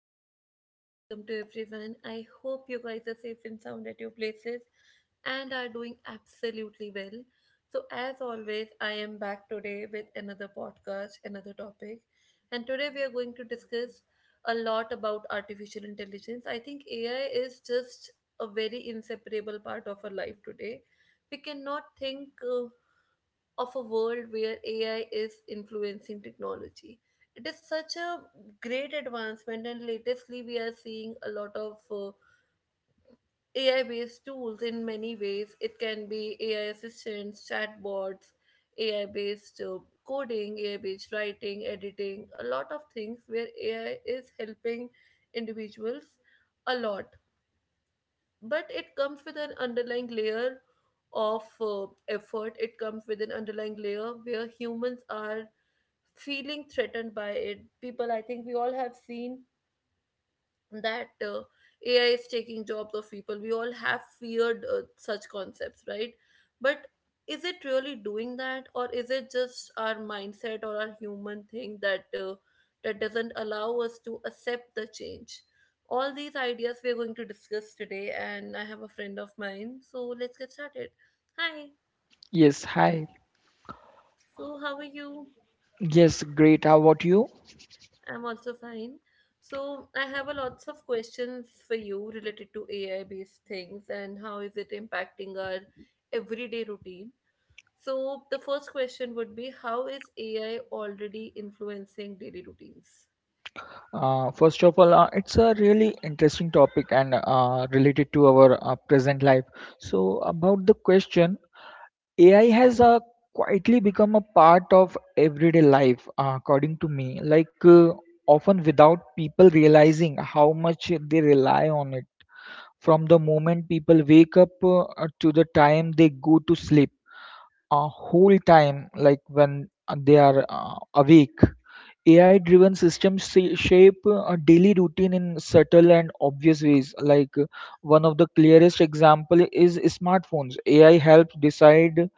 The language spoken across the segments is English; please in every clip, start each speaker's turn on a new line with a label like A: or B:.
A: very warm welcome to everyone. I hope you guys are safe and sound at your places and are doing absolutely well. So, as always, I am back today with another podcast, another topic. And today we are going to discuss a lot about artificial intelligence. I think AI is just a very inseparable part of our life today. We cannot think of a world where AI is influencing technology. It is such a great advancement, and latestly, we are seeing a lot of AI based tools in many ways. It can be AI assistants, chatbots, AI based coding, AI based writing, editing, a lot of things where AI is helping individuals a lot. But it comes with an underlying layer of effort, it comes with an underlying layer where humans are feeling threatened by it. People, I think we all have seen that AI is taking jobs of people. We all have feared such concepts, right? But is it really doing that, or is it just our mindset or our human thing that doesn't allow us to accept the change? All these ideas we're going to discuss today, and I have a friend of mine, so let's get started. Hi,
B: Yes, hi.
A: so how are you?
B: Yes, great. How about you?
A: I'm also fine. So I have a lots of questions for you related to AI based things and how is it impacting our everyday routine. So the first question would be how is AI already influencing daily routines?
B: First of all, it's a really interesting topic and related to our present life. So, about the question, AI has quietly become a part of everyday life, according to me, often without people realizing how much they rely on it. From the moment people wake up to the time they go to sleep, a whole time, like when they are awake, AI-driven systems shape a daily routine in subtle and obvious ways. One of the clearest example is smartphones. AI helps decide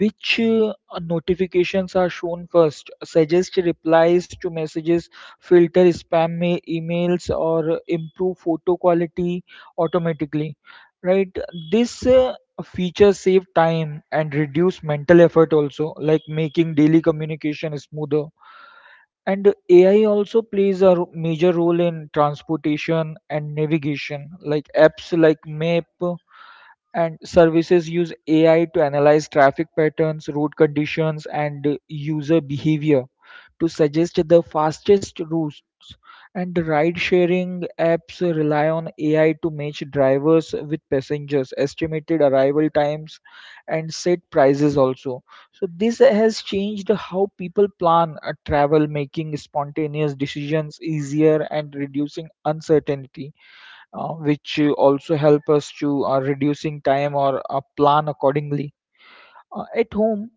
B: which notifications are shown first, suggest replies to messages, filter spam emails, or improve photo quality automatically. Right? This feature save time and reduce mental effort also, like making daily communication smoother. And AI also plays a major role in transportation and navigation, like apps like Map and services use AI to analyze traffic patterns, road conditions, and user behavior to suggest the fastest routes. And the ride sharing apps rely on AI to match drivers with passengers, estimated arrival times, and set prices also. So, this has changed how people plan a travel, making spontaneous decisions easier and reducing uncertainty, which also help us to reducing time or plan accordingly at home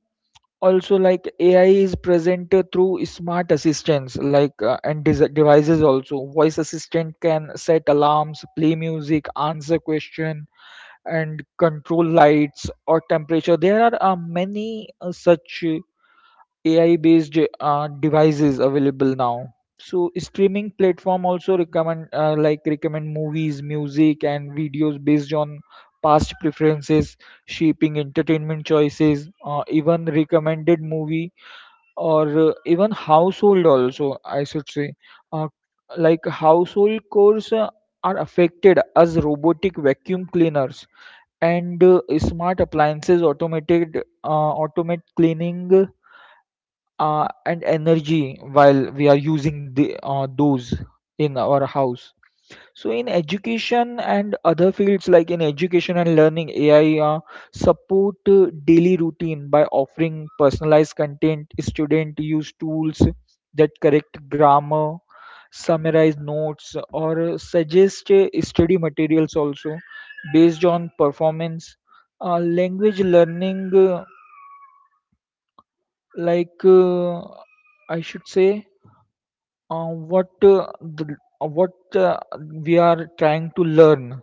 B: also, like AI is present through smart assistants, like and devices also. Voice assistant can set alarms, play music, answer question, and control lights or temperature. There are many such AI based devices available now. So streaming platform also recommend, recommend movies, music, and videos based on past preferences, shaping entertainment choices, even recommended movie or even household also, I should say. Uh, like household chores are affected as robotic vacuum cleaners and smart appliances uh, automate cleaning and energy while we are using those in our house. So in education and other fields, like in education and learning, AI support daily routine by offering personalized content. Student use tools that correct grammar, summarize notes, or suggest study materials also based on performance. Language learning, like uh, I should say uh, what we are trying to learn.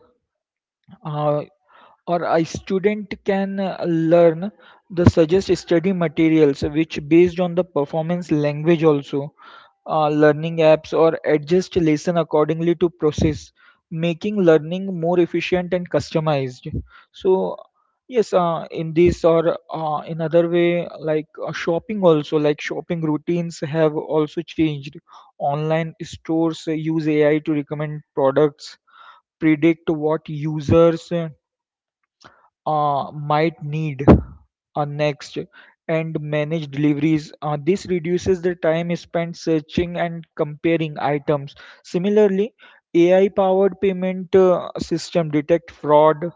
B: Uh, or a student can learn the suggest study materials which based on the performance language also. Learning apps or adjust lesson accordingly to process, making learning more efficient and customized. So yes, in this or in other way, shopping also, like shopping routines have also changed. Online stores use AI to recommend products, predict what users might need next, and manage deliveries. This reduces the time spent searching and comparing items. Similarly, AI powered payment system detect fraud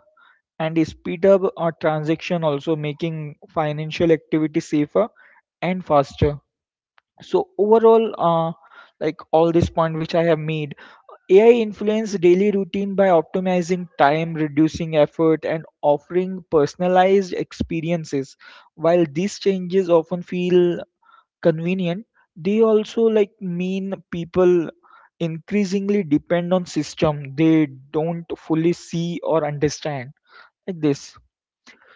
B: and speed up a transaction also, making financial activity safer and faster. So overall, like all this point which I have made, AI influence daily routine by optimizing time, reducing effort, and offering personalized experiences. While these changes often feel convenient, they also like mean people increasingly depend on system they don't fully see or understand, like this.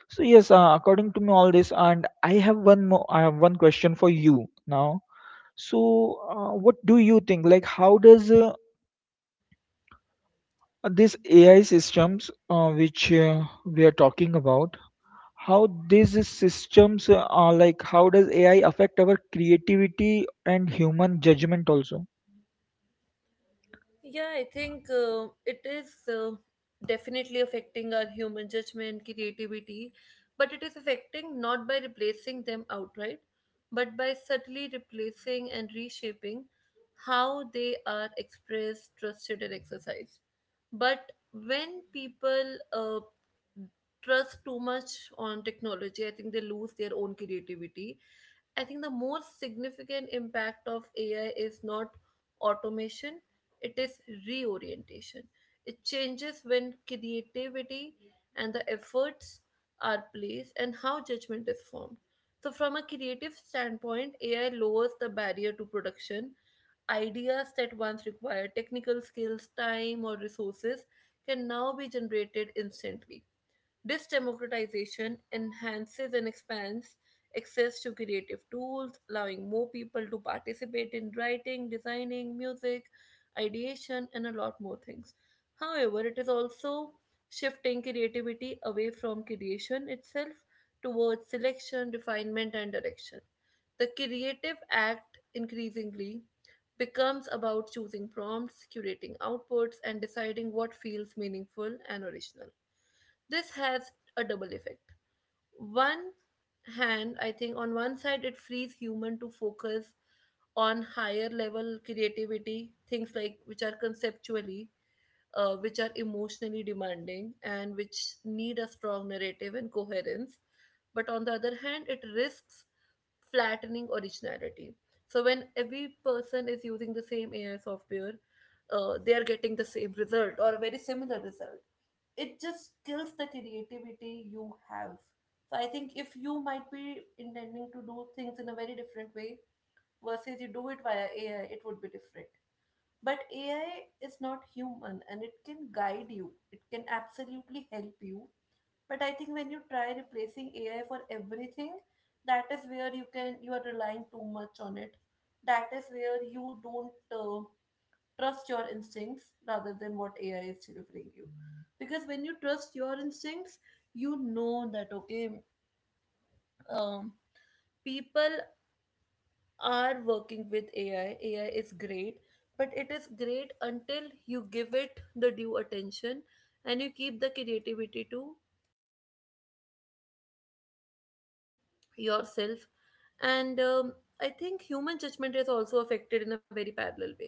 B: So yes, according to me, all this, and I have one question for you now. So, what do you think? Like, how does this AI systems which we are talking about, how these systems how does AI affect our creativity and human judgment also?
A: Yeah, I think it is definitely affecting our human judgment, creativity, but it is affecting not by replacing them outright, but by subtly replacing and reshaping how they are expressed, trusted, and exercised. But when people trust too much on technology, I think they lose their own creativity. I think the most significant impact of AI is not automation, it is reorientation. It changes when creativity and the efforts are placed and how judgment is formed. So, from a creative standpoint, AI lowers the barrier to production. Ideas that once required technical skills, time, or resources can now be generated instantly. This democratization enhances and expands access to creative tools, allowing more people to participate in writing, designing, music, ideation, and a lot more things. However, it is also shifting creativity away from creation itself towards selection, refinement, and direction. The creative act increasingly becomes about choosing prompts, curating outputs, and deciding what feels meaningful and original. This has a double effect. One hand, I think on one side it frees human to focus on higher level creativity things, like which are conceptually which are emotionally demanding and which need a strong narrative and coherence. But on the other hand, it risks flattening originality. So when every person is using the same AI software, they are getting the same result or a very similar result. It just kills the creativity you have. So I think if you might be intending to do things in a very different way versus you do it via AI, it would be different. But AI is not human and it can guide you. It can absolutely help you. But I think when you try replacing AI for everything, that is where you are relying too much on it. That is where you don't trust your instincts rather than what AI is delivering you. Because when you trust your instincts, you know that, okay, um, people are working with AI. AI is great, but it is great until you give it the due attention and you keep the creativity too yourself. And I think human judgment is also affected in a very parallel way.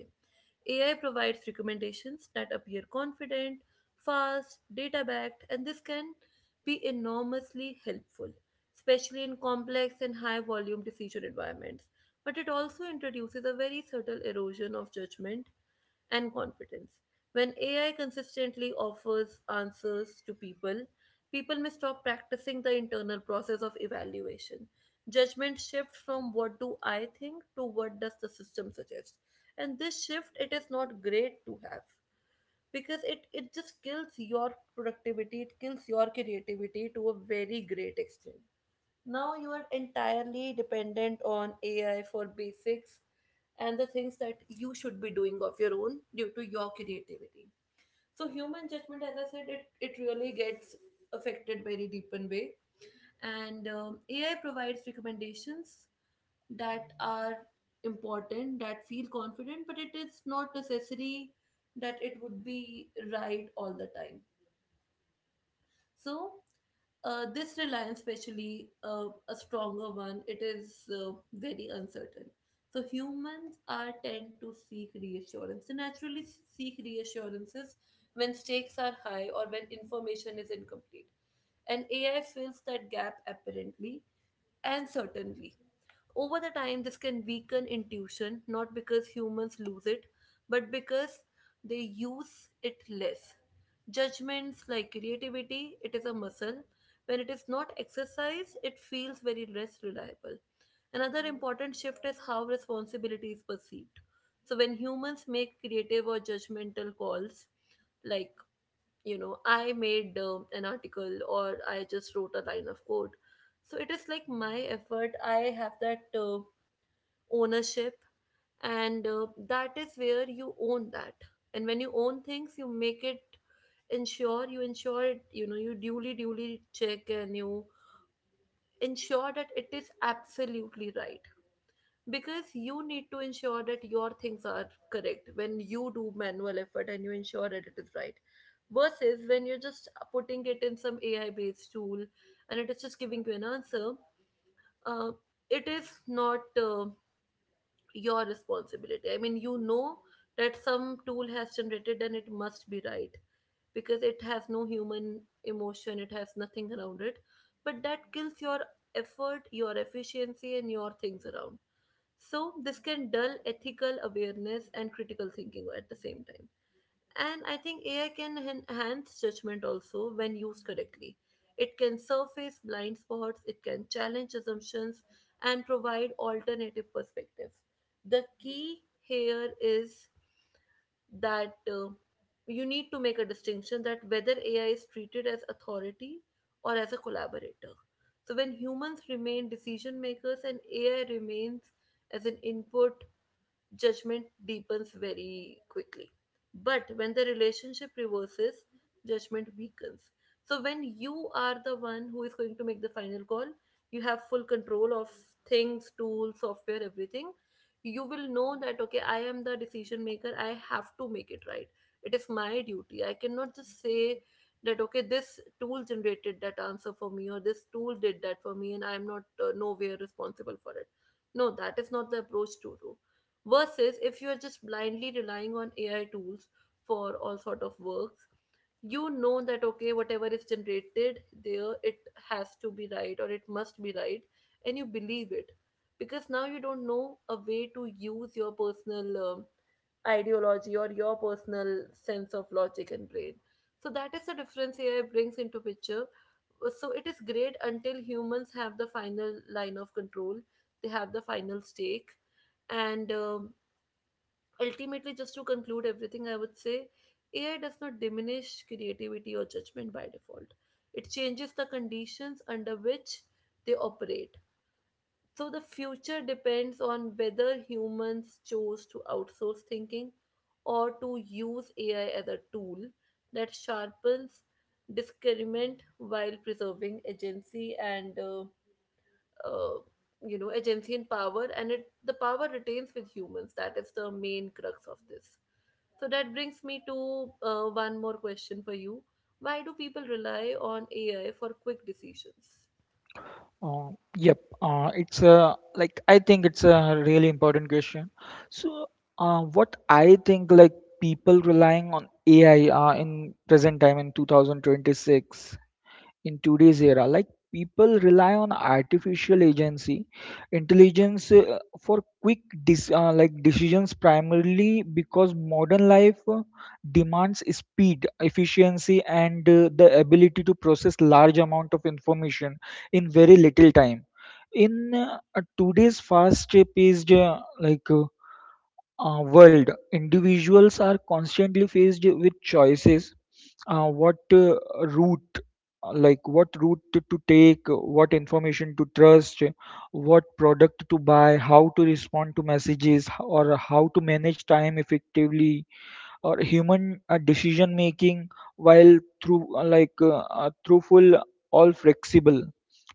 A: AI provides recommendations that appear confident, fast, data backed, and this can be enormously helpful, especially in complex and high volume decision environments. But it also introduces a very subtle erosion of judgment and confidence. When AI consistently offers answers to people, people may stop practicing the internal process of evaluation. Judgment shifts from what do I think to what does the system suggest. And this shift, it is not great to have, because it just kills your productivity, it kills your creativity to a very great extent. Now you are entirely dependent on AI for basics and the things that you should be doing of your own due to your creativity. So human judgment, as I said, it really gets affected very deep in way. And AI provides recommendations that are important, that feel confident, but it is not necessary that it would be right all the time. So, this reliance, especially a stronger one, it is very uncertain. So humans are tend to seek reassurance. They naturally seek reassurances when stakes are high or when information is incomplete. And AI fills that gap apparently and certainly. Over the time, this can weaken intuition, not because humans lose it, but because they use it less. Judgments like creativity, it is a muscle. When it is not exercised, it feels very less reliable. Another important shift is how responsibility is perceived. So when humans make creative or judgmental calls, like you know, I made an article, or I just wrote a line of code, so it is like my effort, I have that ownership. And that is where you own that, and when you own things, you make it ensure, you ensure it, you know, you duly check and you ensure that it is absolutely right, because you need to ensure that your things are correct when you do manual effort and you ensure that it is right, versus when you're just putting it in some AI based tool and it is just giving you an answer. uh, it is not your responsibility. I mean, you know that some tool has generated and it must be right because it has no human emotion, it has nothing around it. But that kills your effort, your efficiency, and your things around. So, this can dull ethical awareness and critical thinking at the same time. And I think AI can enhance judgment also when used correctly. It can surface blind spots, it can challenge assumptions, and provide alternative perspectives. The key here is that you need to make a distinction that whether AI is treated as authority or as a collaborator. So when humans remain decision makers and AI remains as an input, judgment deepens very quickly. But when the relationship reverses, judgment weakens. So when you are the one who is going to make the final call, you have full control of things, tools, software, everything. You will know that, okay, I am the decision maker. I have to make it right. It is my duty. I cannot just say that, okay, this tool generated that answer for me or this tool did that for me and I am not nowhere responsible for it. No, that is not the approach to do, versus if you are just blindly relying on AI tools for all sort of works, you know that, okay, whatever is generated there, it has to be right or it must be right, and you believe it, because now you don't know a way to use your personal ideology or your personal sense of logic and brain. So that is the difference AI brings into picture. So it is great until humans have the final line of control, they have the final stake. And ultimately, just to conclude everything, I would say AI does not diminish creativity or judgment by default. It changes the conditions under which they operate. So the future depends on whether humans chose to outsource thinking or to use AI as a tool that sharpens discernment while preserving agency and uh, you know, agency and power, and it the power retains with humans, that is the main crux of this. So that brings me to one more question for you. Why do people rely on AI for quick decisions?
B: Uh, yep, it's a like I think it's a really important question. So, what I think, like people relying on AI in present time in 2026, in today's era, like people rely on artificial agency intelligence for quick decisions, primarily because modern life demands speed, efficiency, and the ability to process large amount of information in very little time. In today's fast paced, world, individuals are constantly faced with choices, uh, what uh, route what route to take, what information to trust, what product to buy, how to respond to messages, or how to manage time effectively, or human decision making, while through like through full all flexible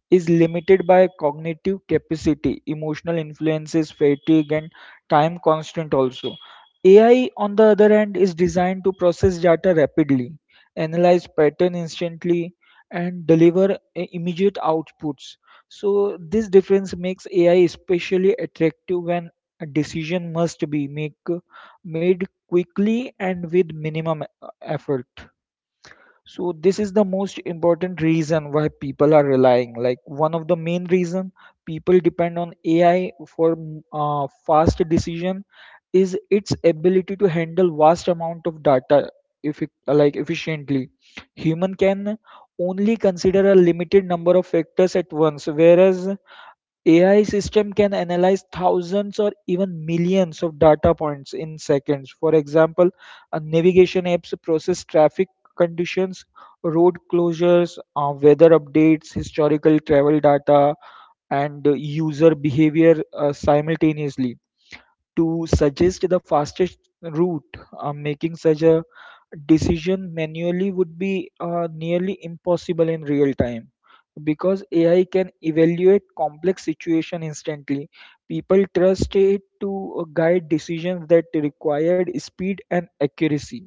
B: is limited by cognitive capacity, emotional influences, fatigue, and time constant also. AI, on the other hand, is designed to process data rapidly, analyze pattern instantly, and deliver immediate outputs. So this difference makes AI especially attractive when a decision must be make, made quickly and with minimum effort. So this is the most important reason why people are relying. Like one of the main reason people depend on AI for fast decision is its ability to handle vast amount of data, if like efficiently. Human can only consider a limited number of factors at once, whereas AI system can analyze thousands or even millions of data points in seconds. For example, a navigation apps process traffic conditions, road closures, weather updates, historical travel data, and user behavior simultaneously to suggest the fastest route. Making such a decision manually would be nearly impossible in real time because AI can evaluate complex situation instantly. People trust it to guide decisions that required speed and accuracy.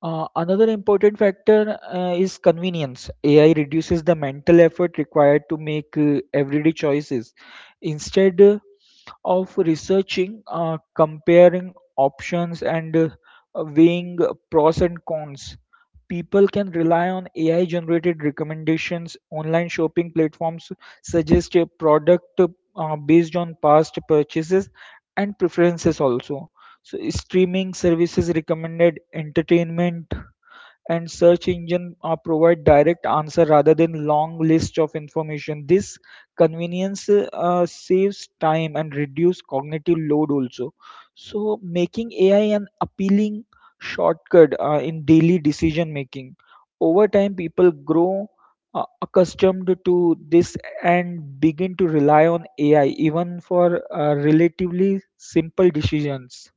B: Another important factor is convenience. AI reduces the mental effort required to make everyday choices. Instead of researching, comparing options, and weighing pros and cons, people can rely on AI generated recommendations. Online shopping platforms suggest a product based on past purchases and preferences also. So streaming services recommended entertainment and search engine provide direct answer rather than long list of information. This convenience saves time and reduce cognitive load also, so making AI an appealing shortcut in daily decision making. Over time, people grow accustomed to this and begin to rely on AI even for relatively simple decisions.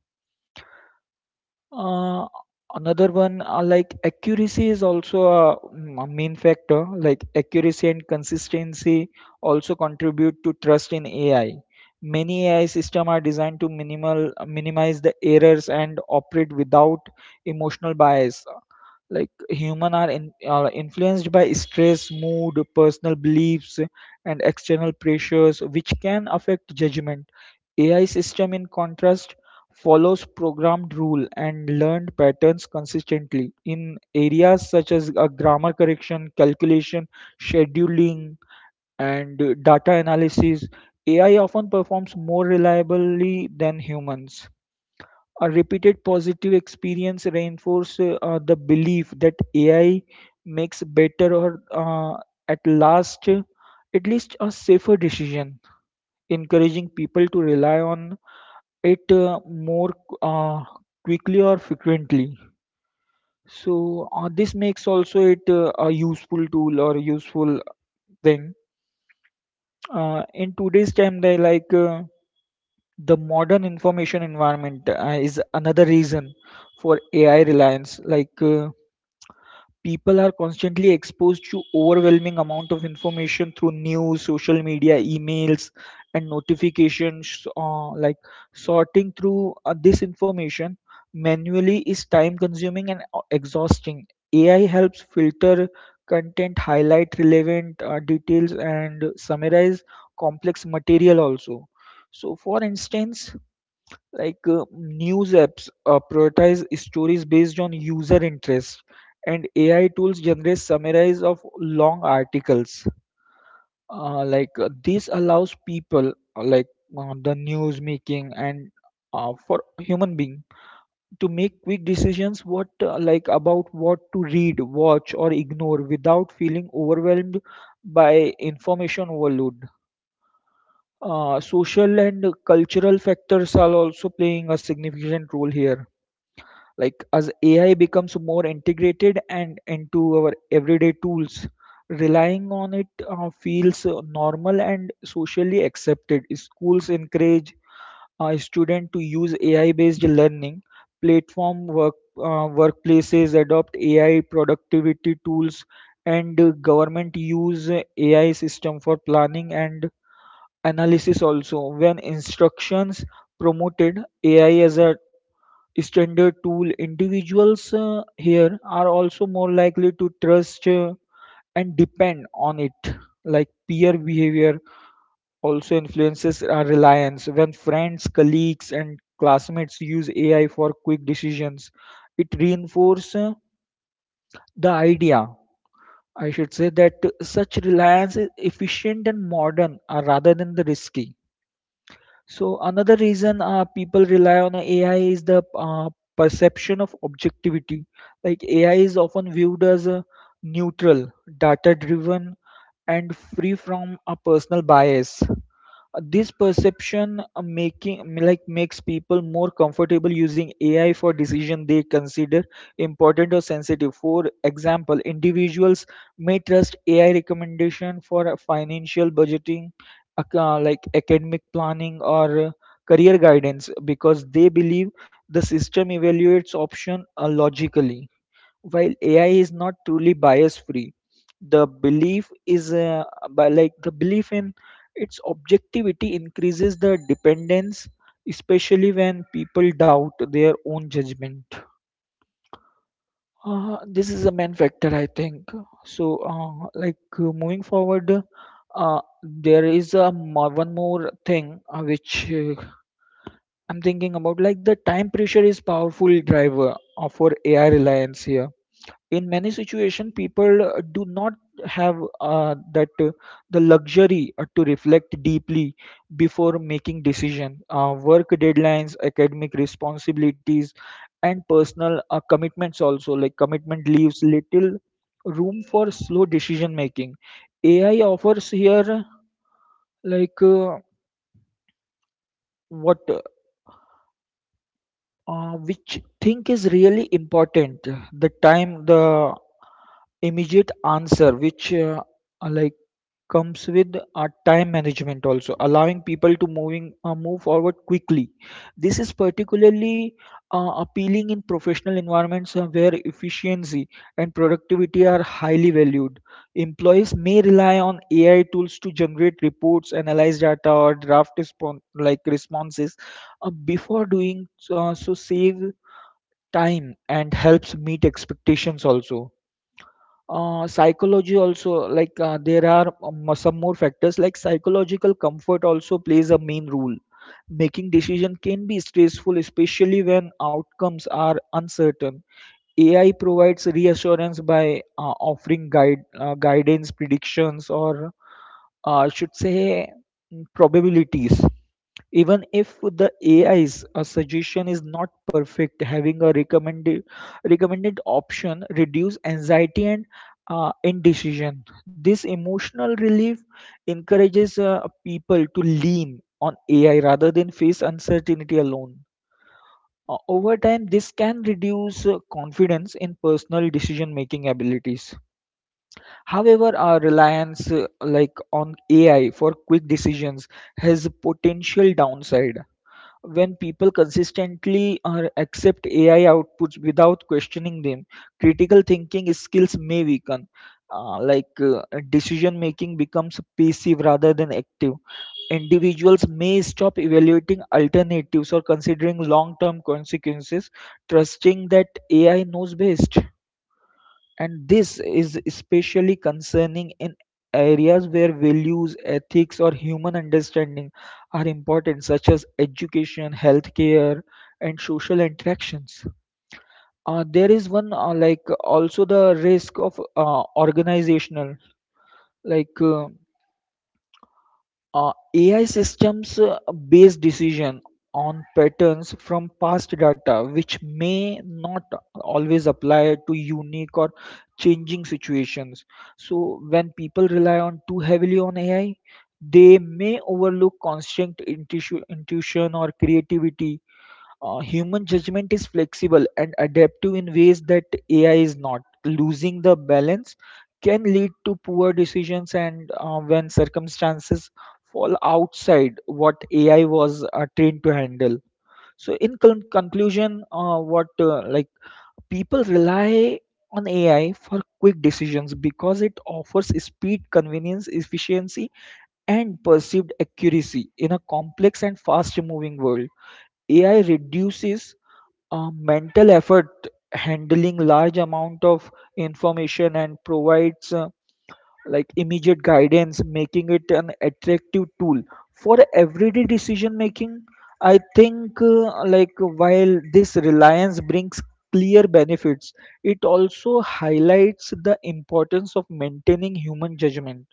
B: Uh, another one, like Accuracy is also a, a main factor. Like accuracy and consistency also contribute to trust in AI. Many AI systems are designed to minimal minimize the errors and operate without emotional bias, like human are, are influenced by stress, mood, personal beliefs, and external pressures which can affect judgment. AI system, in contrast, follows programmed rule and learned patterns consistently. In areas such as grammar correction, calculation, scheduling, and data analysis, AI often performs more reliably than humans. A repeated positive experience reinforce the belief that AI makes better, or at last uh, at least a safer decision, encouraging people to rely on it more uh, quickly or frequently. So this makes also it a useful tool or useful thing. In today's time, the modern information environment is another reason for AI reliance. People are constantly exposed to overwhelming amount of information through news, social media, emails, and notifications. Like sorting through this information manually is time-consuming and exhausting. AI helps filter content, highlight relevant details, and summarize complex material also. So, for instance, news apps prioritize stories based on user interest, and AI tools generate summaries of long articles. This allows people, the news making and for human being, to make quick decisions, what like about what to read, watch, or ignore without feeling overwhelmed by information overload. Uh, social and cultural factors are also playing a significant role here. Like as AI becomes more integrated and into our everyday tools, relying on it feels normal and socially accepted. Schools encourage a student to use AI based learning platform, workplaces adopt AI productivity tools, and government use AI system for planning and analysis also. When instructions promoted AI as a standard tool, individuals here are also more likely to trust and depend on it. Like peer behavior also influences our reliance. When friends, colleagues, and classmates use AI for quick decisions, it reinforces the idea, I should say, that such reliance is efficient and modern rather than the risky. So another reason people rely on AI is the perception of objectivity. Like AI is often viewed as a neutral, data driven, and free from a personal bias. This perception, making like makes people more comfortable using AI for decision they consider important or sensitive. For example, individuals may trust AI recommendation for financial budgeting, academic planning, or career guidance, because they believe the system evaluates option logically. While AI is not truly bias free, the belief is by like the belief in its objectivity increases the dependence, especially when people doubt their own judgment. This is a main factor, I think. Moving forward, there is one more thing which I'm thinking about. Like the time pressure is powerful driver for AI reliance here in many situations. People do not have that the luxury to reflect deeply before making decision. Work deadlines, academic responsibilities, and personal commitments, also like commitment, leaves little room for slow decision making. AI offers here, like what which think is really important, the immediate answer, which like comes with a time management, also allowing people to moving move forward quickly. This is particularly appealing in professional environments where efficiency and productivity are highly valued. Employees may rely on AI tools to generate reports, analyze data, or draft responses before doing so, save time and helps meet expectations also. Uh, psychology also like there are Some more factors like psychological comfort also plays a main role. Making decision can be stressful, especially when outcomes are uncertain. AI provides reassurance by offering guide guidance, predictions, or I should say mm, probabilities. Even if the AI's suggestion is not perfect, having a recommended option reduce anxiety and indecision. This emotional relief encourages people to lean on AI rather than face uncertainty alone. Over time, this can reduce confidence in personal decision-making abilities. However, our reliance on AI for quick decisions has a potential downside. When people consistently accept AI outputs without questioning them, critical thinking skills may weaken. uh, like uh, Decision making becomes passive rather than active. Individuals may stop evaluating alternatives or considering long term consequences, trusting that AI knows best. And this is especially concerning in areas where values, ethics, or human understanding are important, such as education, healthcare, and social interactions. There is one also the risk of organizational like. Uh, AI systems base decision on patterns from past data, which may not always apply to unique or changing situations. So, when people rely on too heavily on AI, they may overlook constant intuition or creativity. Human judgment is flexible and adaptive in ways that AI is not. Losing the balance can lead to poor decisions and when circumstances fall outside what AI was trained to handle. So, in conclusion, what like people rely on AI for quick decisions because it offers speed, convenience, efficiency, and perceived accuracy in a complex and fast moving world. AI reduces mental effort, handling large amount of information, and provides immediate guidance, making it an attractive tool for everyday decision making. I think while this reliance brings clear benefits, it also highlights the importance of maintaining human judgment,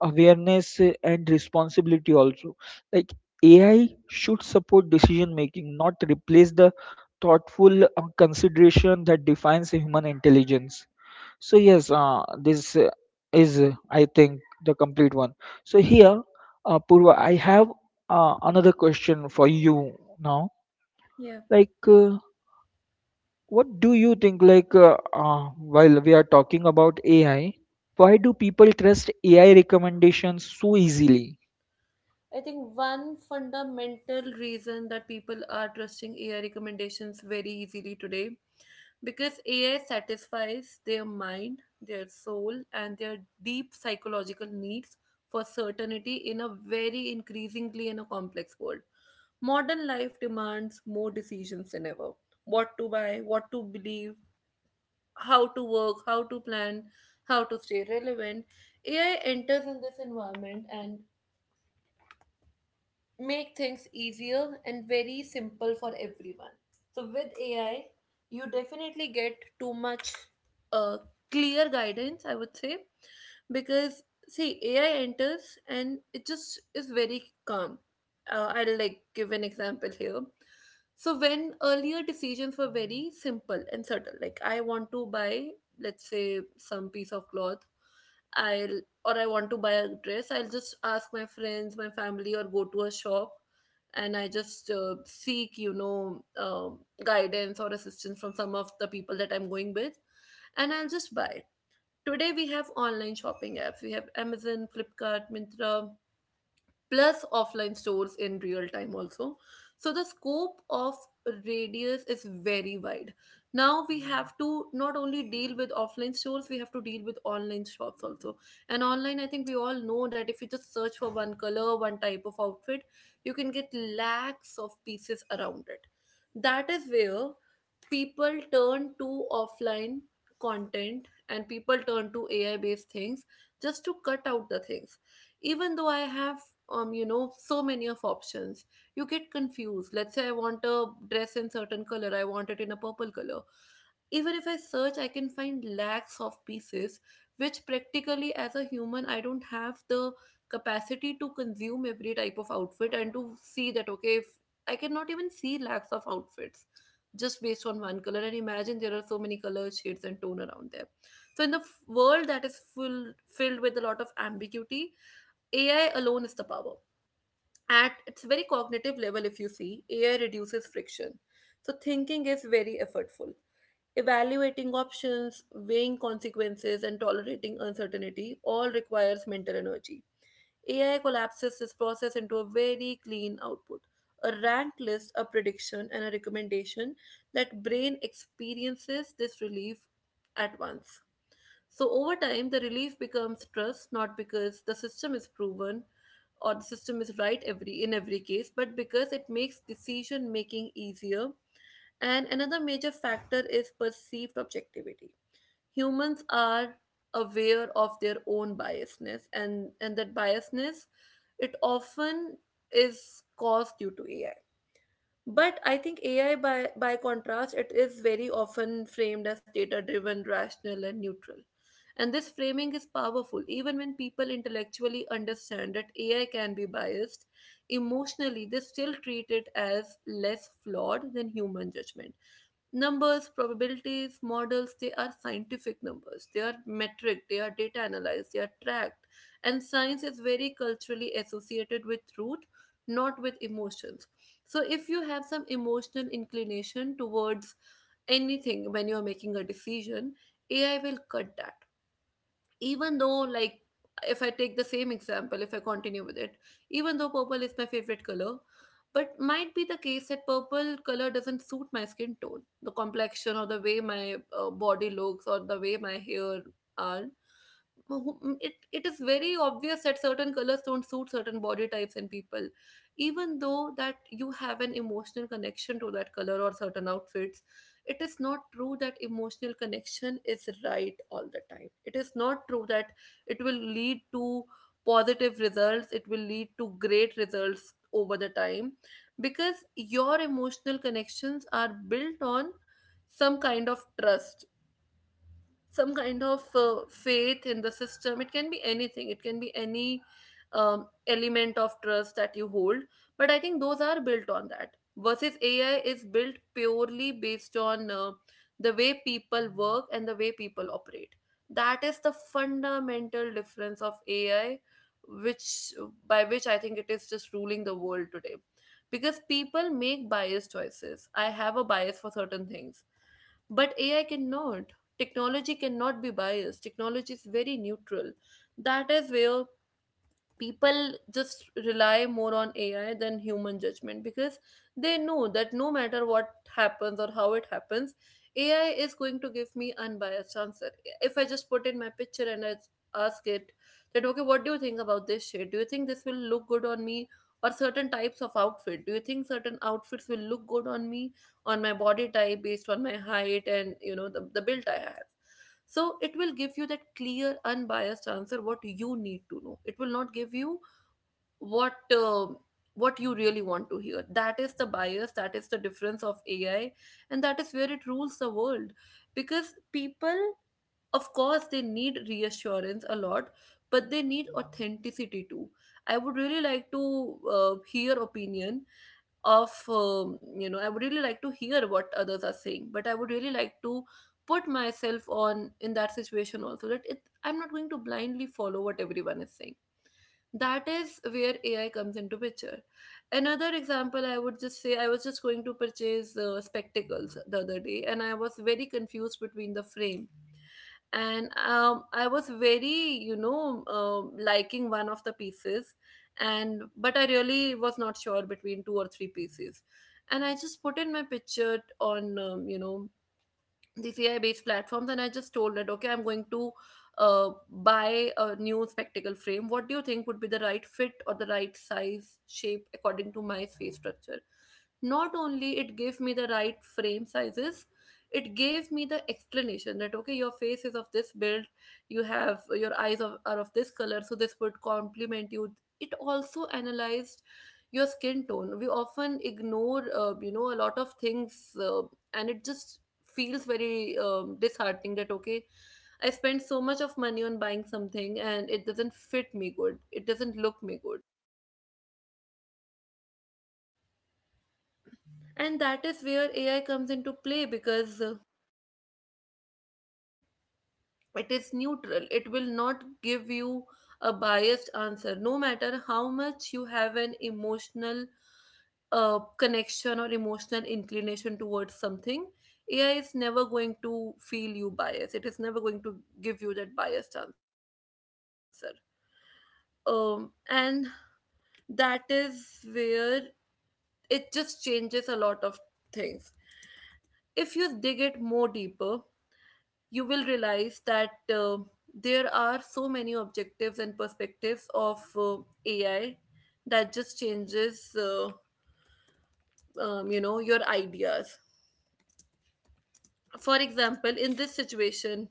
B: awareness, and responsibility also. like AI should support decision making, not replace the thoughtful consideration that defines human intelligence. So yes, this is I think the complete one. So here, Purva, I have another question for you now.
A: Yeah.
B: Like uh, what do you think uh, while we are talking about AI, why do people trust AI recommendations so easily?
A: I think one fundamental reason that people are trusting AI recommendations very easily today, because AI satisfies their mind, their soul, and their deep psychological needs for certainty in a very increasingly in a complex world. Modern life demands more decisions than ever. What to buy, what to believe, how to work, how to plan, how to stay relevant. AI enters in this environment and make things easier and very simple for everyone. So with AI, you definitely get too much uh, clear guidance, I would say, because see, AI enters and it just is very calm. I'll like give an example here. So when earlier decisions were very simple and subtle, like I want to buy, let's say, some piece of cloth, I'll or I want to buy a dress, I'll just ask my friends, my family, or go to a shop, and I just seek, guidance or assistance from some of the people that I'm going with, and I'll just buy. Today we have online shopping apps. We have Amazon, Flipkart, Mintra, plus offline stores in real time also. So the scope of Radius is very wide. Now we have to not only deal with offline stores, we have to deal with online shops also. And online, I think we all know that if you just search for one color, one type of outfit, you can get lakhs of pieces around it. That is where people turn to offline content and people turn to AI based things just to cut out the things. Even though I have so many of options, you get confused. Let's say I want a dress in certain color, I want it in a purple color. Even if I search, I can find lakhs of pieces, which practically as a human I don't have the capacity to consume every type of outfit and to see that, okay, if I cannot even see lakhs of outfits just based on one color, and imagine there are so many color shades and tone around there. So in the world that is full filled with a lot of ambiguity, AI alone is the power. At its very cognitive level, if you see, AI reduces friction. So thinking is very effortful. Evaluating options, weighing consequences, and tolerating uncertainty all requires mental energy. AI collapses this process into a very clean output, a ranked list, a prediction, and a recommendation. That brain experiences this relief at once. So over time, the relief becomes trust, not because the system is proven or the system is right every in every case, but because it makes decision making easier. And another major factor is perceived objectivity. Humans are aware of their own biasness, and that biasness, it often is caused due to AI, but I think AI, by contrast, it is very often framed as data driven, rational, and neutral. And this framing is powerful. Even when people intellectually understand that AI can be biased, emotionally they still treat it as less flawed than human judgment. Numbers, probabilities, models, they are scientific numbers, they are metric, they are data analyzed, they are tracked. And science is very culturally associated with truth, not with emotions. So if you have some emotional inclination towards anything when you are making a decision, AI will cut that. Even though, like, if I take the same example, if I continue with it, even though purple is my favorite color, but might be the case that purple color doesn't suit my skin tone, the complexion, or the way my body looks, or the way my hair are. It is very obvious that certain colors don't suit certain body types and people. Even though that you have an emotional connection to that color or certain outfits, it is not true that emotional connection is right all the time. It is not true that it will lead to positive results, it will lead to great results over the time, because your emotional connections are built on some kind of trust, some kind of faith in the system. It can be anything, it can be any element of trust that you hold, but I think those are built on that, versus AI is built purely based on the way people work and the way people operate. That is the fundamental difference of AI, which, by which I think it is just ruling the world today, because people make biased choices. I have a bias for certain things, but AI cannot. Technology cannot be biased, technology is very neutral. That is where people just rely more on AI than human judgment, because they know that no matter what happens or how it happens, AI is going to give me unbiased answer. If I just put in my picture and I ask it that, okay, what do you think about this shade, do you think this will look good on me, or certain types of outfit, do you think certain outfits will look good on me, on my body type, based on my height and you know the build I have. So it will give you that clear, unbiased answer what you need to know. It will not give you what uh, what you really want to hear. That is the bias. That is the difference of AI, and that is where it rules the world. Because people, of course, they need reassurance a lot, but they need authenticity too. I would really like to hear opinion of you know, I would really like to hear what others are saying, but I would really like to put myself on in that situation also, that it I'm not going to blindly follow what everyone is saying. That is where AI comes into picture. Another example I would just say, I was just going to purchase spectacles the other day, and I was very confused between the frame, and I was very you know liking one of the pieces, and but I really was not sure between two or three pieces. And I just put in my picture on you know, the CI based platforms, and I just told that, okay, I'm going to buy a new spectacle frame. What do you think would be the right fit or the right size shape according to my face structure? Not only it gave me the right frame sizes, it gave me the explanation that, okay, your face is of this build, you have your eyes of, are of this color, so this would complement you. It also analyzed your skin tone. We often ignore, you know, a lot of things, and it just feels very disheartening that, okay, I spent so much of money on buying something, and it doesn't fit me good, it doesn't look me good. And that is where AI comes into play, because it is neutral, it will not give you a biased answer no matter how much you have an emotional connection or emotional inclination towards something. AI is never going to feel you biased. It is never going to give you that biased answer. And that is where it just changes a lot of things. If you dig it more deeper, you will realize that there are so many objectives and perspectives of AI that just changes, you know, your ideas. For example, in this situation,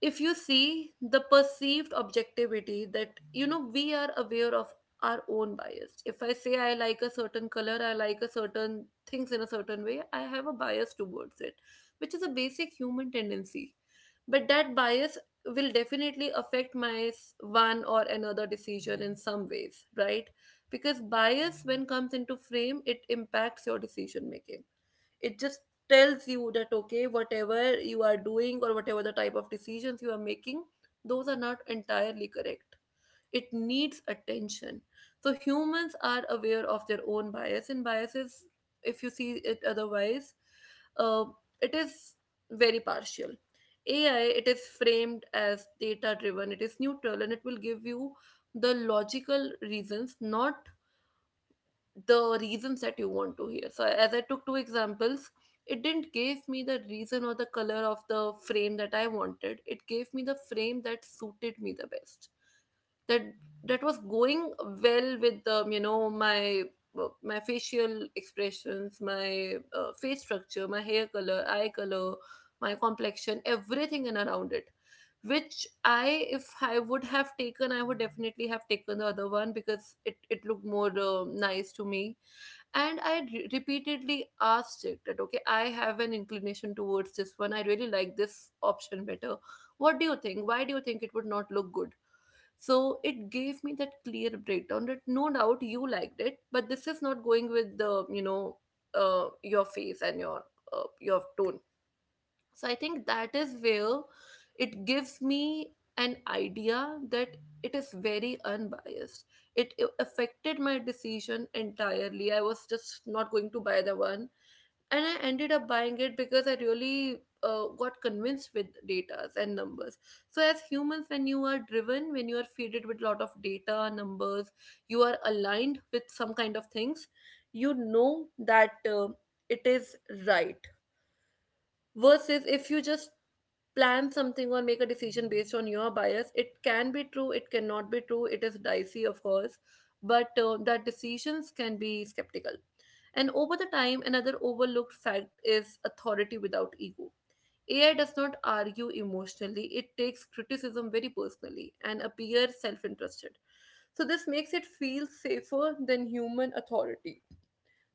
A: if you see the perceived objectivity that you know we are aware of our own bias. If I say I like a certain color, I like a certain things in a certain way, I have a bias towards it, which is a basic human tendency. But that bias will definitely affect my one or another decision in some ways, right? Because bias when comes into frame, it impacts your decision making. It just tells you that, okay, whatever you are doing or whatever the type of decisions you are making, those are not entirely correct, it needs attention. So humans are aware of their own bias and biases. If you see it otherwise, uh, it is very partial. AI, it is framed as data driven, it is neutral, and it will give you the logical reasons, not the reasons that you want to hear. So, as I took two examples, it didn't give me the reason or the color of the frame that I wanted. It gave me the frame that suited me the best. That that was going well with the you know my my facial expressions, my face structure, my hair color, eye color, my complexion, everything and around it, which I, if I would have taken, I would definitely have taken the other one, because it looked more nice to me. And I repeatedly asked it that, okay, I have an inclination towards this one, I really like this option better, what do you think, why do you think it would not look good. So it gave me that clear breakdown that no doubt you liked it, but this is not going with the you know your face and your tone. So I think that is where it gives me an idea that it is very unbiased. It affected my decision entirely. I was just not going to buy the one, and I ended up buying it because I really got convinced with data and numbers. So as humans, when you are driven, when you are fed with a lot of data, numbers, you are aligned with some kind of things. You know that it is right. Versus if you just plan something or make a decision based on your bias, it can be true, it cannot be true, it is dicey, of course, but that decisions can be skeptical. And over the time, another overlooked fact is authority without ego. AI does not argue emotionally, it takes criticism very personally and appears self interested. So, this makes it feel safer than human authority.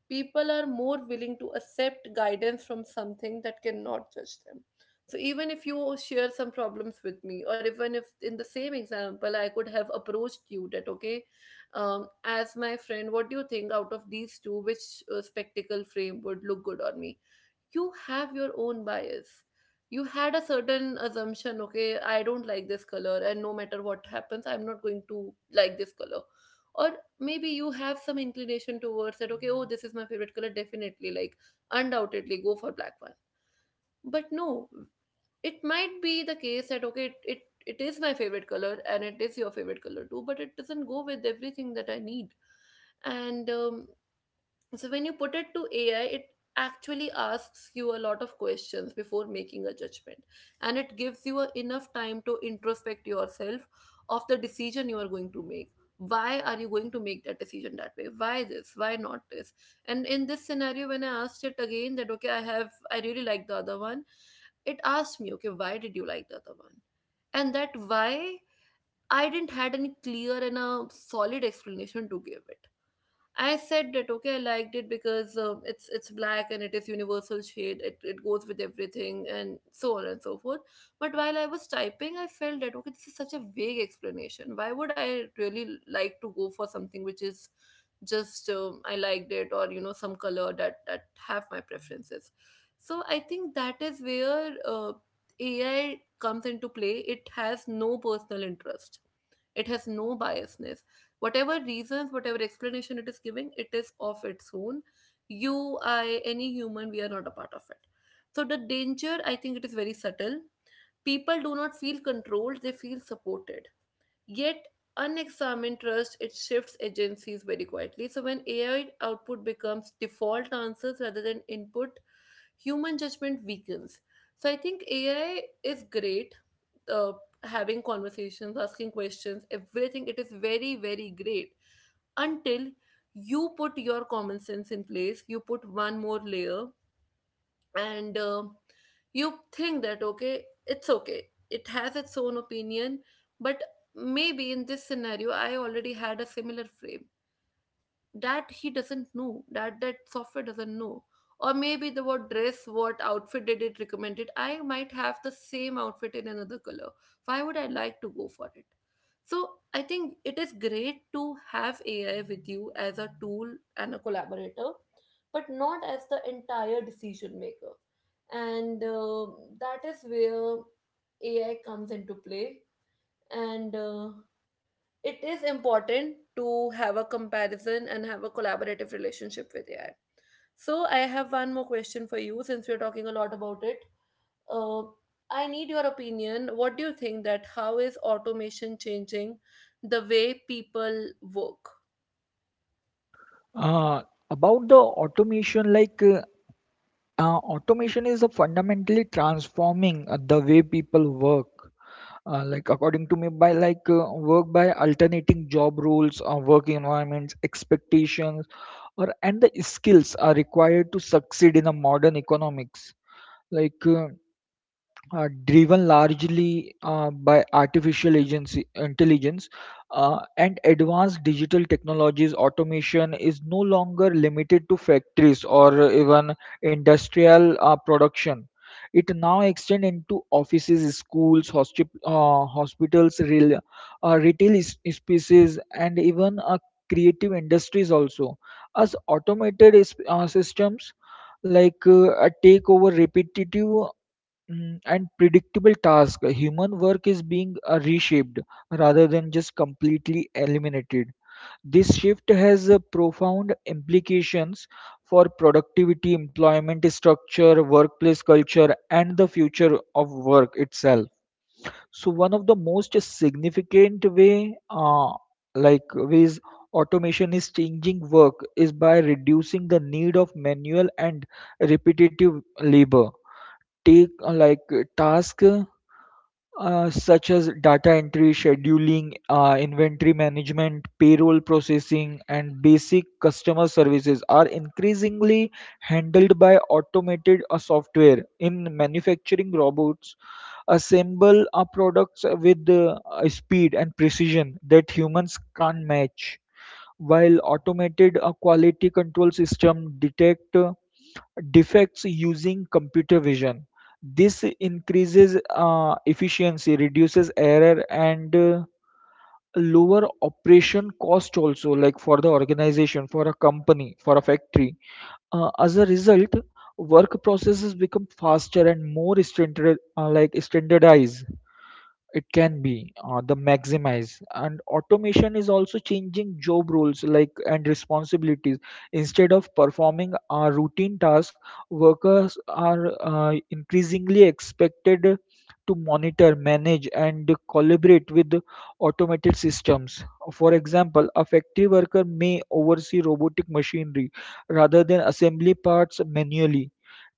A: People are more willing to accept guidance from something that cannot judge them. So even if you share some problems with me, or even if in the same example I could have approached you that, okay, as my friend, what do you think, out of these two, which spectacle frame would look good on me? You have your own bias. You had a certain assumption, okay, I don't like this color and no matter what happens I'm not going to like this color. Or maybe you have some inclination towards that, okay, oh this is my favorite color, definitely like, undoubtedly go for black one. But no, it might be the case that, okay, it it is my favorite color and it is your favorite color too, but it doesn't go with everything that I need. And um, so when you put it to AI, it actually asks you a lot of questions before making a judgment, and it gives you a, enough time to introspect yourself of the decision you are going to make. Why are you going to make that decision that way? Why this? Why not this? And in this scenario, when I asked it again that, okay, I really like the other one, it asked me, okay, why did you like the other one? And that why, I didn't had any clear and a solid explanation to give it. I said that, okay, I liked it because it's black and it is universal shade. It goes with everything and so on and so forth. But while I was typing, I felt that, okay, this is such a vague explanation. Why would I really like to go for something which is just, I liked it, or you know some color that have my preferences. So I think that is where AI comes into play. It has no personal interest. It has no biasness. Whatever reasons, whatever explanation it is giving, it is of its own. You I Any human, we are not a part of it. So the danger, I think, it is very subtle. People do not feel controlled, they feel supported. Yet, unexamined trust, it shifts agencies very quietly. So, when AI output becomes default answers rather than input, human judgment weakens. So, I think AI is great. Uh, Having conversations, asking questions, everything, it is very, very great, until you put your common sense in place, you put one more layer, and you think that, okay, it's okay, it has its own opinion. But maybe in this scenario I already had a similar frame that he doesn't know, that software doesn't know. Or maybe the, what dress, what outfit did it recommended, I might have the same outfit in another color, why would I like to go for it? So I think it is great to have AI with you as a tool and a collaborator, but not as the entire decision maker. And That is where AI comes into play, and it is important to have a comparison and have a collaborative relationship with AI. So I have one more question for you since we're talking a lot about it. Uh, I need your opinion. What do you think, that how is automation changing the way people work?
B: Uh, about the automation, automation is a fundamentally transforming the way people work. According to me, by alternating job roles, work environments, expectations, or and the skills are required to succeed in a modern economics. Like uh, Driven largely by artificial agency, intelligence, and advanced digital technologies, automation is no longer limited to factories or even industrial production. It now extends into offices, schools, hospitals, real, spaces, and even creative industries also. As systems take over repetitive and predictable task, human work is being reshaped rather than just completely eliminated. This shift has profound implications for productivity, employment structure, workplace culture, and the future of work itself. So, one of the most significant ways automation is changing work is by reducing the need of manual and repetitive labor. Take like Task such as data entry, scheduling, inventory management, payroll processing, and basic customer services are increasingly handled by automated software. In manufacturing, robots assemble our products with speed and precision that humans can't match, while automated quality control system detect defects using computer vision. This increases efficiency, reduces error, and lower operation cost also, like for the organization, for a company, for a factory. As a result, work processes become faster and more standardized. It can be the maximize. And automation is also changing job roles and responsibilities. Instead of performing a routine task, workers are increasingly expected to monitor, manage, and collaborate with automated systems. For example, a factory worker may oversee robotic machinery rather than assembly parts manually,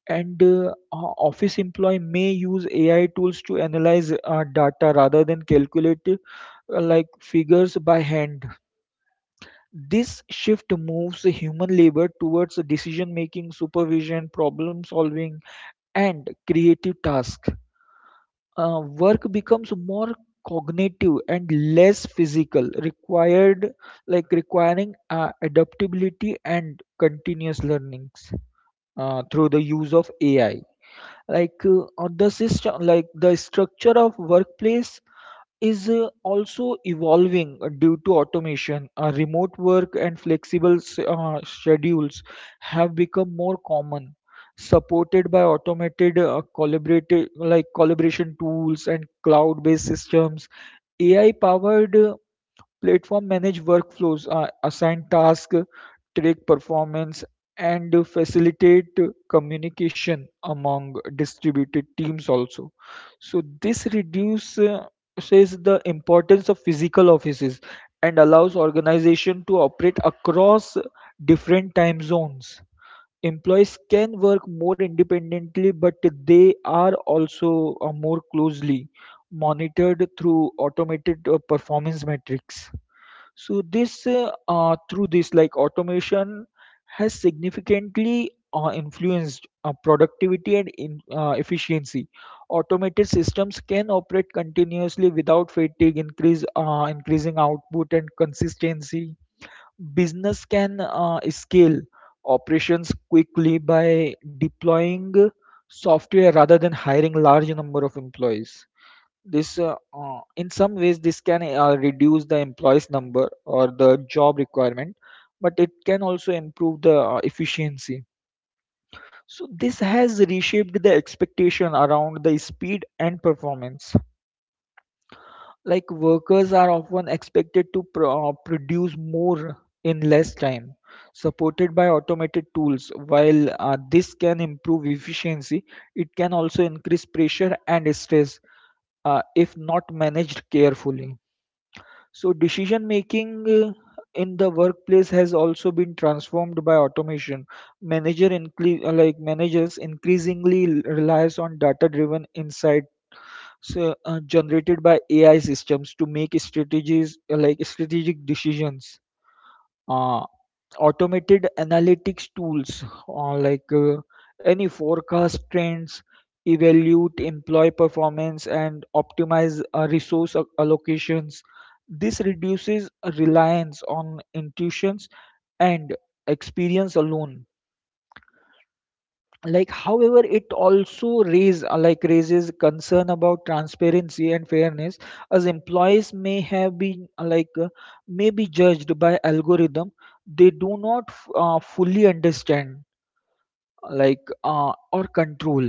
B: and office employee may use AI tools to analyze data rather than calculate figures by hand. This shift moves human labor towards decision making, supervision, problem solving, and creative tasks. Work becomes more cognitive and less physical, required like requiring adaptability and continuous learnings through the use of AI. Like on the system like The structure of workplace is also evolving due to automation. Uh, remote work and flexible schedules have become more common, supported by automated collaborative like collaboration tools and cloud based systems. AI powered platform manage workflows, assign tasks, track performance, and facilitate communication among distributed teams also. So this reduces the importance of physical offices and allows organization to operate across different time zones. Employees can work more independently, but they are also more closely monitored through automated performance metrics. So this through this, like, automation has significantly influenced productivity and efficiency. Automated systems can operate continuously without fatigue, increase increasing output and consistency. Business can scale operations quickly by deploying software rather than hiring large number of employees. This In some ways this can reduce the employees number or the job requirement, but it can also improve the efficiency. So this has reshaped the expectation around the speed and performance. Like workers are often expected to produce more in less time, supported by automated tools. While this can improve efficiency, it can also increase pressure and stress if not managed carefully. So decision making in the workplace has also been transformed by automation. Managers increasingly relies on data-driven insight generated by AI systems to make strategies like strategic decisions. Uh, Automated analytics tools uh, like uh, any forecast trends, evaluate employee performance, and optimize allocations. This reduces reliance on intuitions and experience alone. However, it also raises concern about transparency and fairness, as employees may have been may be judged by algorithm they do not fully understand or control,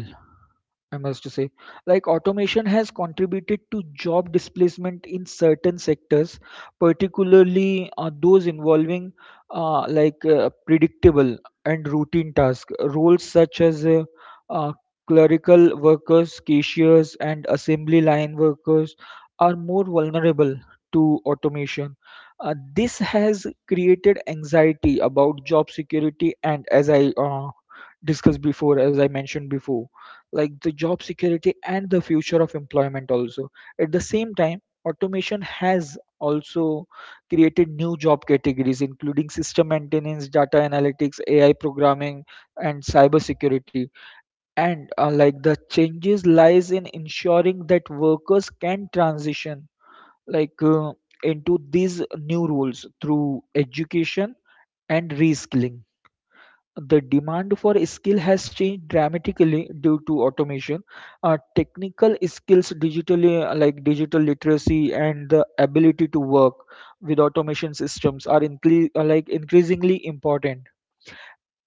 B: I must say. Automation has contributed to job displacement in certain sectors, particularly those involving predictable and routine tasks. Roles such as uh, clerical workers, cashiers, and assembly line workers are more vulnerable to automation. This has created anxiety about job security, and as I mentioned before, the job security and the future of employment also. At the same time, automation has also created new job categories including system maintenance, data analytics, AI programming, and cybersecurity. And like The changes lies in ensuring that workers can transition like uh, into these new roles through education and reskilling. The demand for skill has changed dramatically due to automation. Technical skills, digital literacy, and the ability to work with automation systems are increasingly important.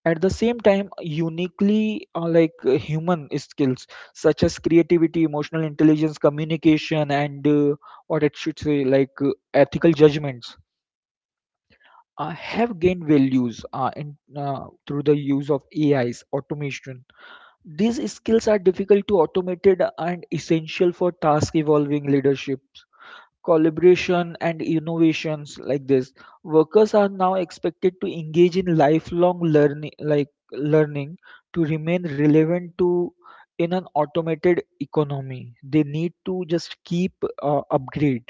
B: At the same time, uniquely human skills such as creativity, emotional intelligence, communication, and what it should say like ethical judgments have gained values through the use of AIs automation. These skills are difficult to automate and essential for task evolving leadership, collaboration, and innovations like this. Workers are now expected to engage in lifelong learning, to remain relevant to in an automated economy. They need to just keep upgrade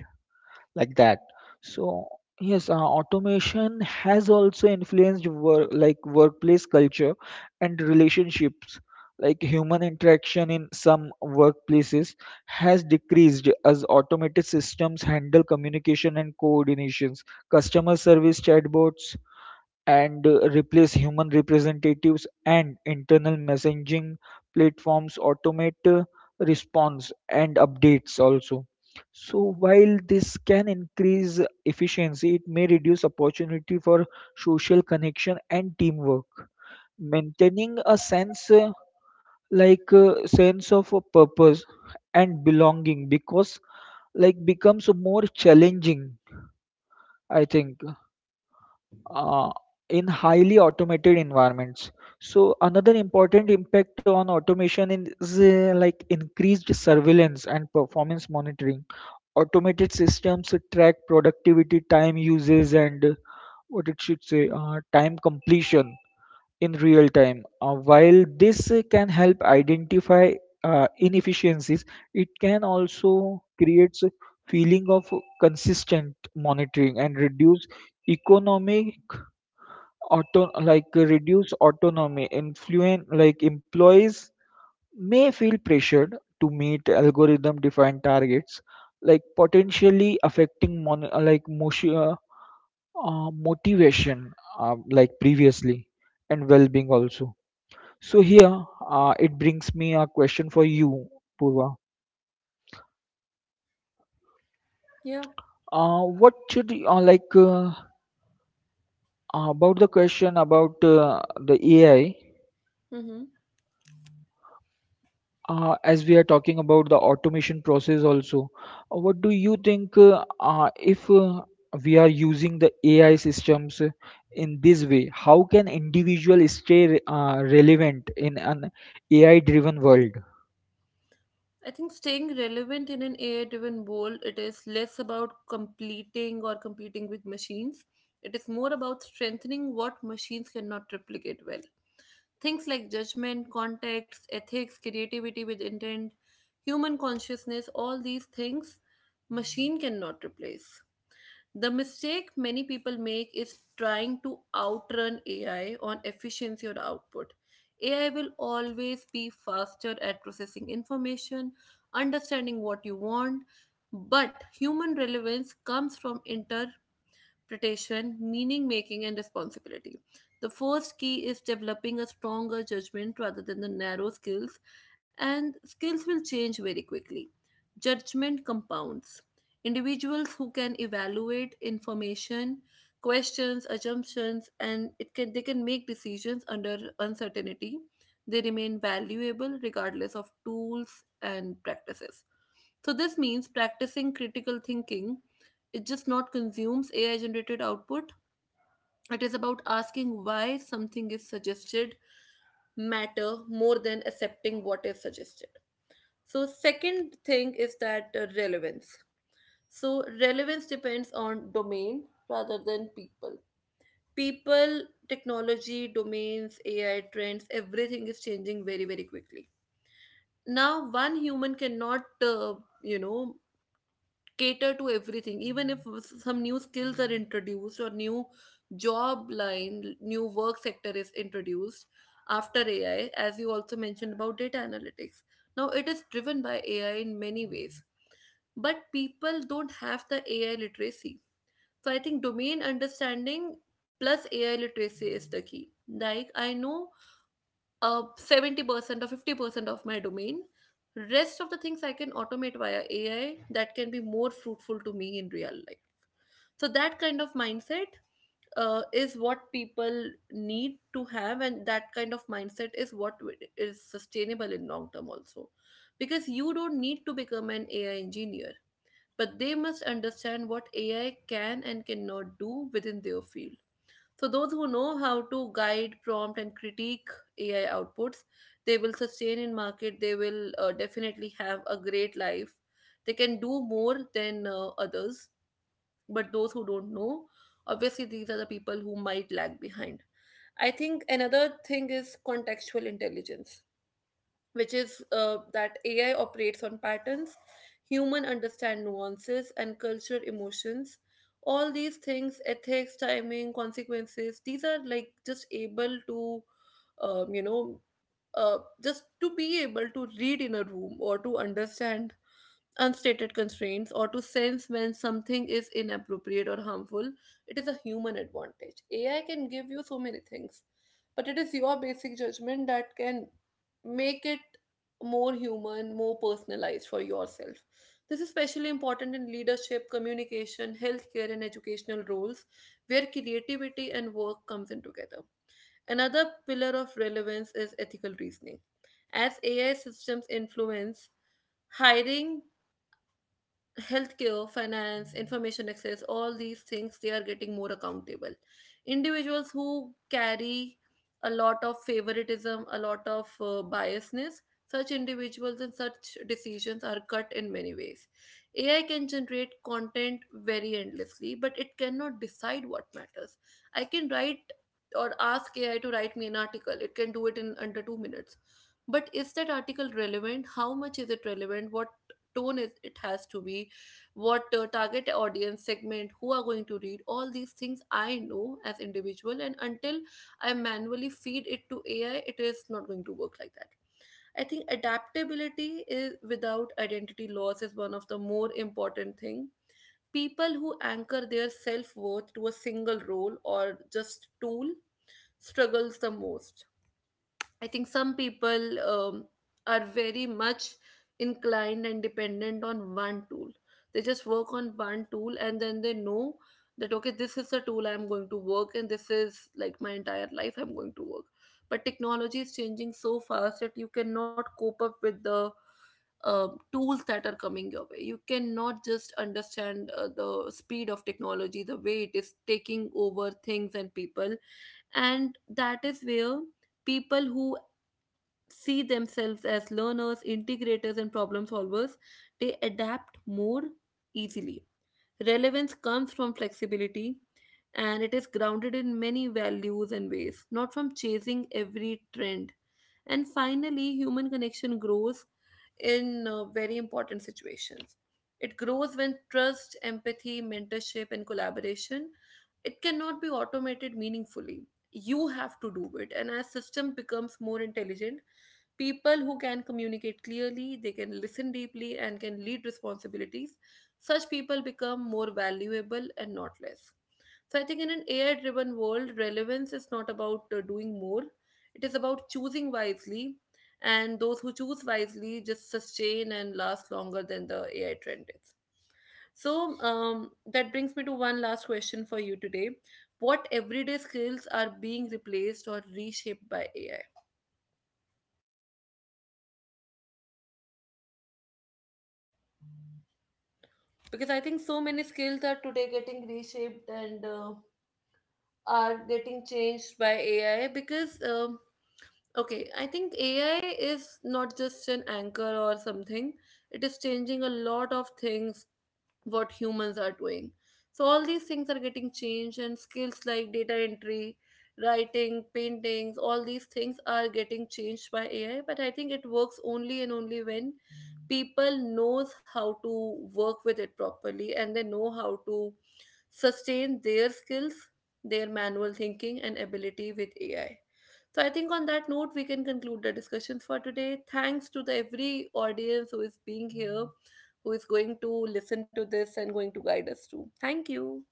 B: like that. So yes, automation has also influenced workplace culture and relationships. Like human interaction in some workplaces has decreased as automated systems handle communication and coordinations. Customer service chatbots and replace human representatives, and internal messaging platforms automate response and updates also. So while this can increase efficiency, it may reduce opportunity for social connection and teamwork. Maintaining a sense of a purpose and belonging because like becomes more challenging, I think, uh, in highly automated environments. So another important impact on automation is increased surveillance and performance monitoring. Automated systems track productivity, time uses, and what it should say, time completion in real time. While this can help identify inefficiencies, it can also creates a feeling of consistent monitoring and economic reduced autonomy influence. Like employees may feel pressured to meet algorithm defined targets, like potentially affecting motivation like previously and well-being also. So here, it brings me a question for you, Purva.
A: Yeah.
B: Uh, what should y- like about the question about the ai
A: Mm-hmm.
B: As we are talking about the automation process also, what do you think, if we are using the AI systems in this way, how can individual stay relevant in an AI driven world?
A: I think staying relevant in an AI-driven world, it is less about completing or competing with machines. It is more about strengthening what machines cannot replicate well. Things like judgment, context, ethics, creativity with intent, human consciousness, all these things machine cannot replace. The mistake many people make is trying to outrun AI on efficiency or output. AI will always be faster at processing information, understanding what you want, but human relevance comes from interpretation, meaning making, and responsibility. The first key is developing a stronger judgment rather than the narrow skills, and skills will change very quickly. Judgment compounds. Individuals who can evaluate information, questions, assumptions, and it can they can make decisions under uncertainty. They remain valuable regardless of tools and practices. So, this means practicing critical thinking, it just not consumes AI generated output. It is about asking why something is suggested matter more than accepting what is suggested. So, second thing is that relevance. So, relevance depends on domain rather than people. People, technology, domains, AI trends, everything is changing very, very quickly. Now, one human cannot, you know, cater to everything. Even if some new skills are introduced, or new job line, new work sector is introduced after AI, as you also mentioned about data analytics, now it is driven by AI in many ways, but people don't have the AI literacy. So I think domain understanding plus AI literacy is the key. Like, I know 70% or 50% of my domain, rest of the things I can automate via AI, that can be more fruitful to me in real life. So that kind of mindset, is what people need to have, and that kind of mindset is what is sustainable in long term also, because you don't need to become an AI engineer, but they must understand what AI can and cannot do within their field. So, those who know how to guide, prompt, and critique AI outputs, they will sustain in market. They will definitely have a great life. They can do more than others. But those who don't know, obviously, these are the people who might lag behind. I think another thing is contextual intelligence, which is that AI operates on patterns, human understand nuances and cultural emotions. All these things, ethics, timing, consequences, these are like just able to, you know, just to be able to read in a room, or to understand unstated constraints, or to sense when something is inappropriate or harmful, it is a human advantage. AI can give you so many things, but it is your basic judgment that can make it more human, more personalized for yourself. This is especially important in leadership, communication, healthcare, and educational roles where creativity and work comes in together. Another pillar of relevance is ethical reasoning. As AI systems influence hiring, healthcare, finance, information access, all these things, they are getting more accountable. Individuals who carry a lot of favoritism, a lot of biasness, such individuals and such decisions are cut in many ways. AI can generate content very endlessly, but it cannot decide what matters. I can write or ask AI to write me an article, it can do it in under 2 minutes. But is that article relevant? How much is it relevant? What tone is it has to be, what target audience segment who are going to read, all these things I know as individual, and until I manually feed it to AI, it is not going to work like that. I think adaptability is without identity loss is one of the more important thing. People who anchor their self-worth to a single role or just tool struggles the most. I think some people are very much inclined and dependent on one tool. They just work on one tool, and then they know that, okay, this is the tool I'm going to work, and this is like my entire life I'm going to work. But technology is changing so fast that you cannot cope up with the tools that are coming your way. You cannot just understand the speed of technology, the way it is taking over things and people. And that is where people who see themselves as learners, integrators, and problem solvers, they adapt more easily. Relevance comes from flexibility, and it is grounded in many values and ways, not from chasing every trend. And finally, human connection grows in very important situations. It grows when trust, empathy, mentorship, and collaboration, it cannot be automated meaningfully, you have to do it. And as system becomes more intelligent, people who can communicate clearly, they can listen deeply, and can lead responsibilities, such people become more valuable and not less. So I think in an AI driven world, relevance is not about doing more, it is about choosing wisely. And those who choose wisely just sustain and last longer than the AI trend is. So that brings me to one last question for you today. What everyday skills are being replaced or reshaped by AI? Because I think so many skills are today getting reshaped, and are getting changed by AI. Because okay, I think AI is not just an anchor or something, it is changing a lot of things, what humans are doing. So all these things are getting changed, and skills like data entry, writing, paintings, all these things are getting changed by AI. But I think it works only and only when people knows how to work with it properly, and they know how to sustain their skills, their manual thinking, and ability with AI. So I think on that note, we can conclude the discussions for today. Thanks to the every audience who is being here, who is going to listen to this and going to guide us too. Thank you.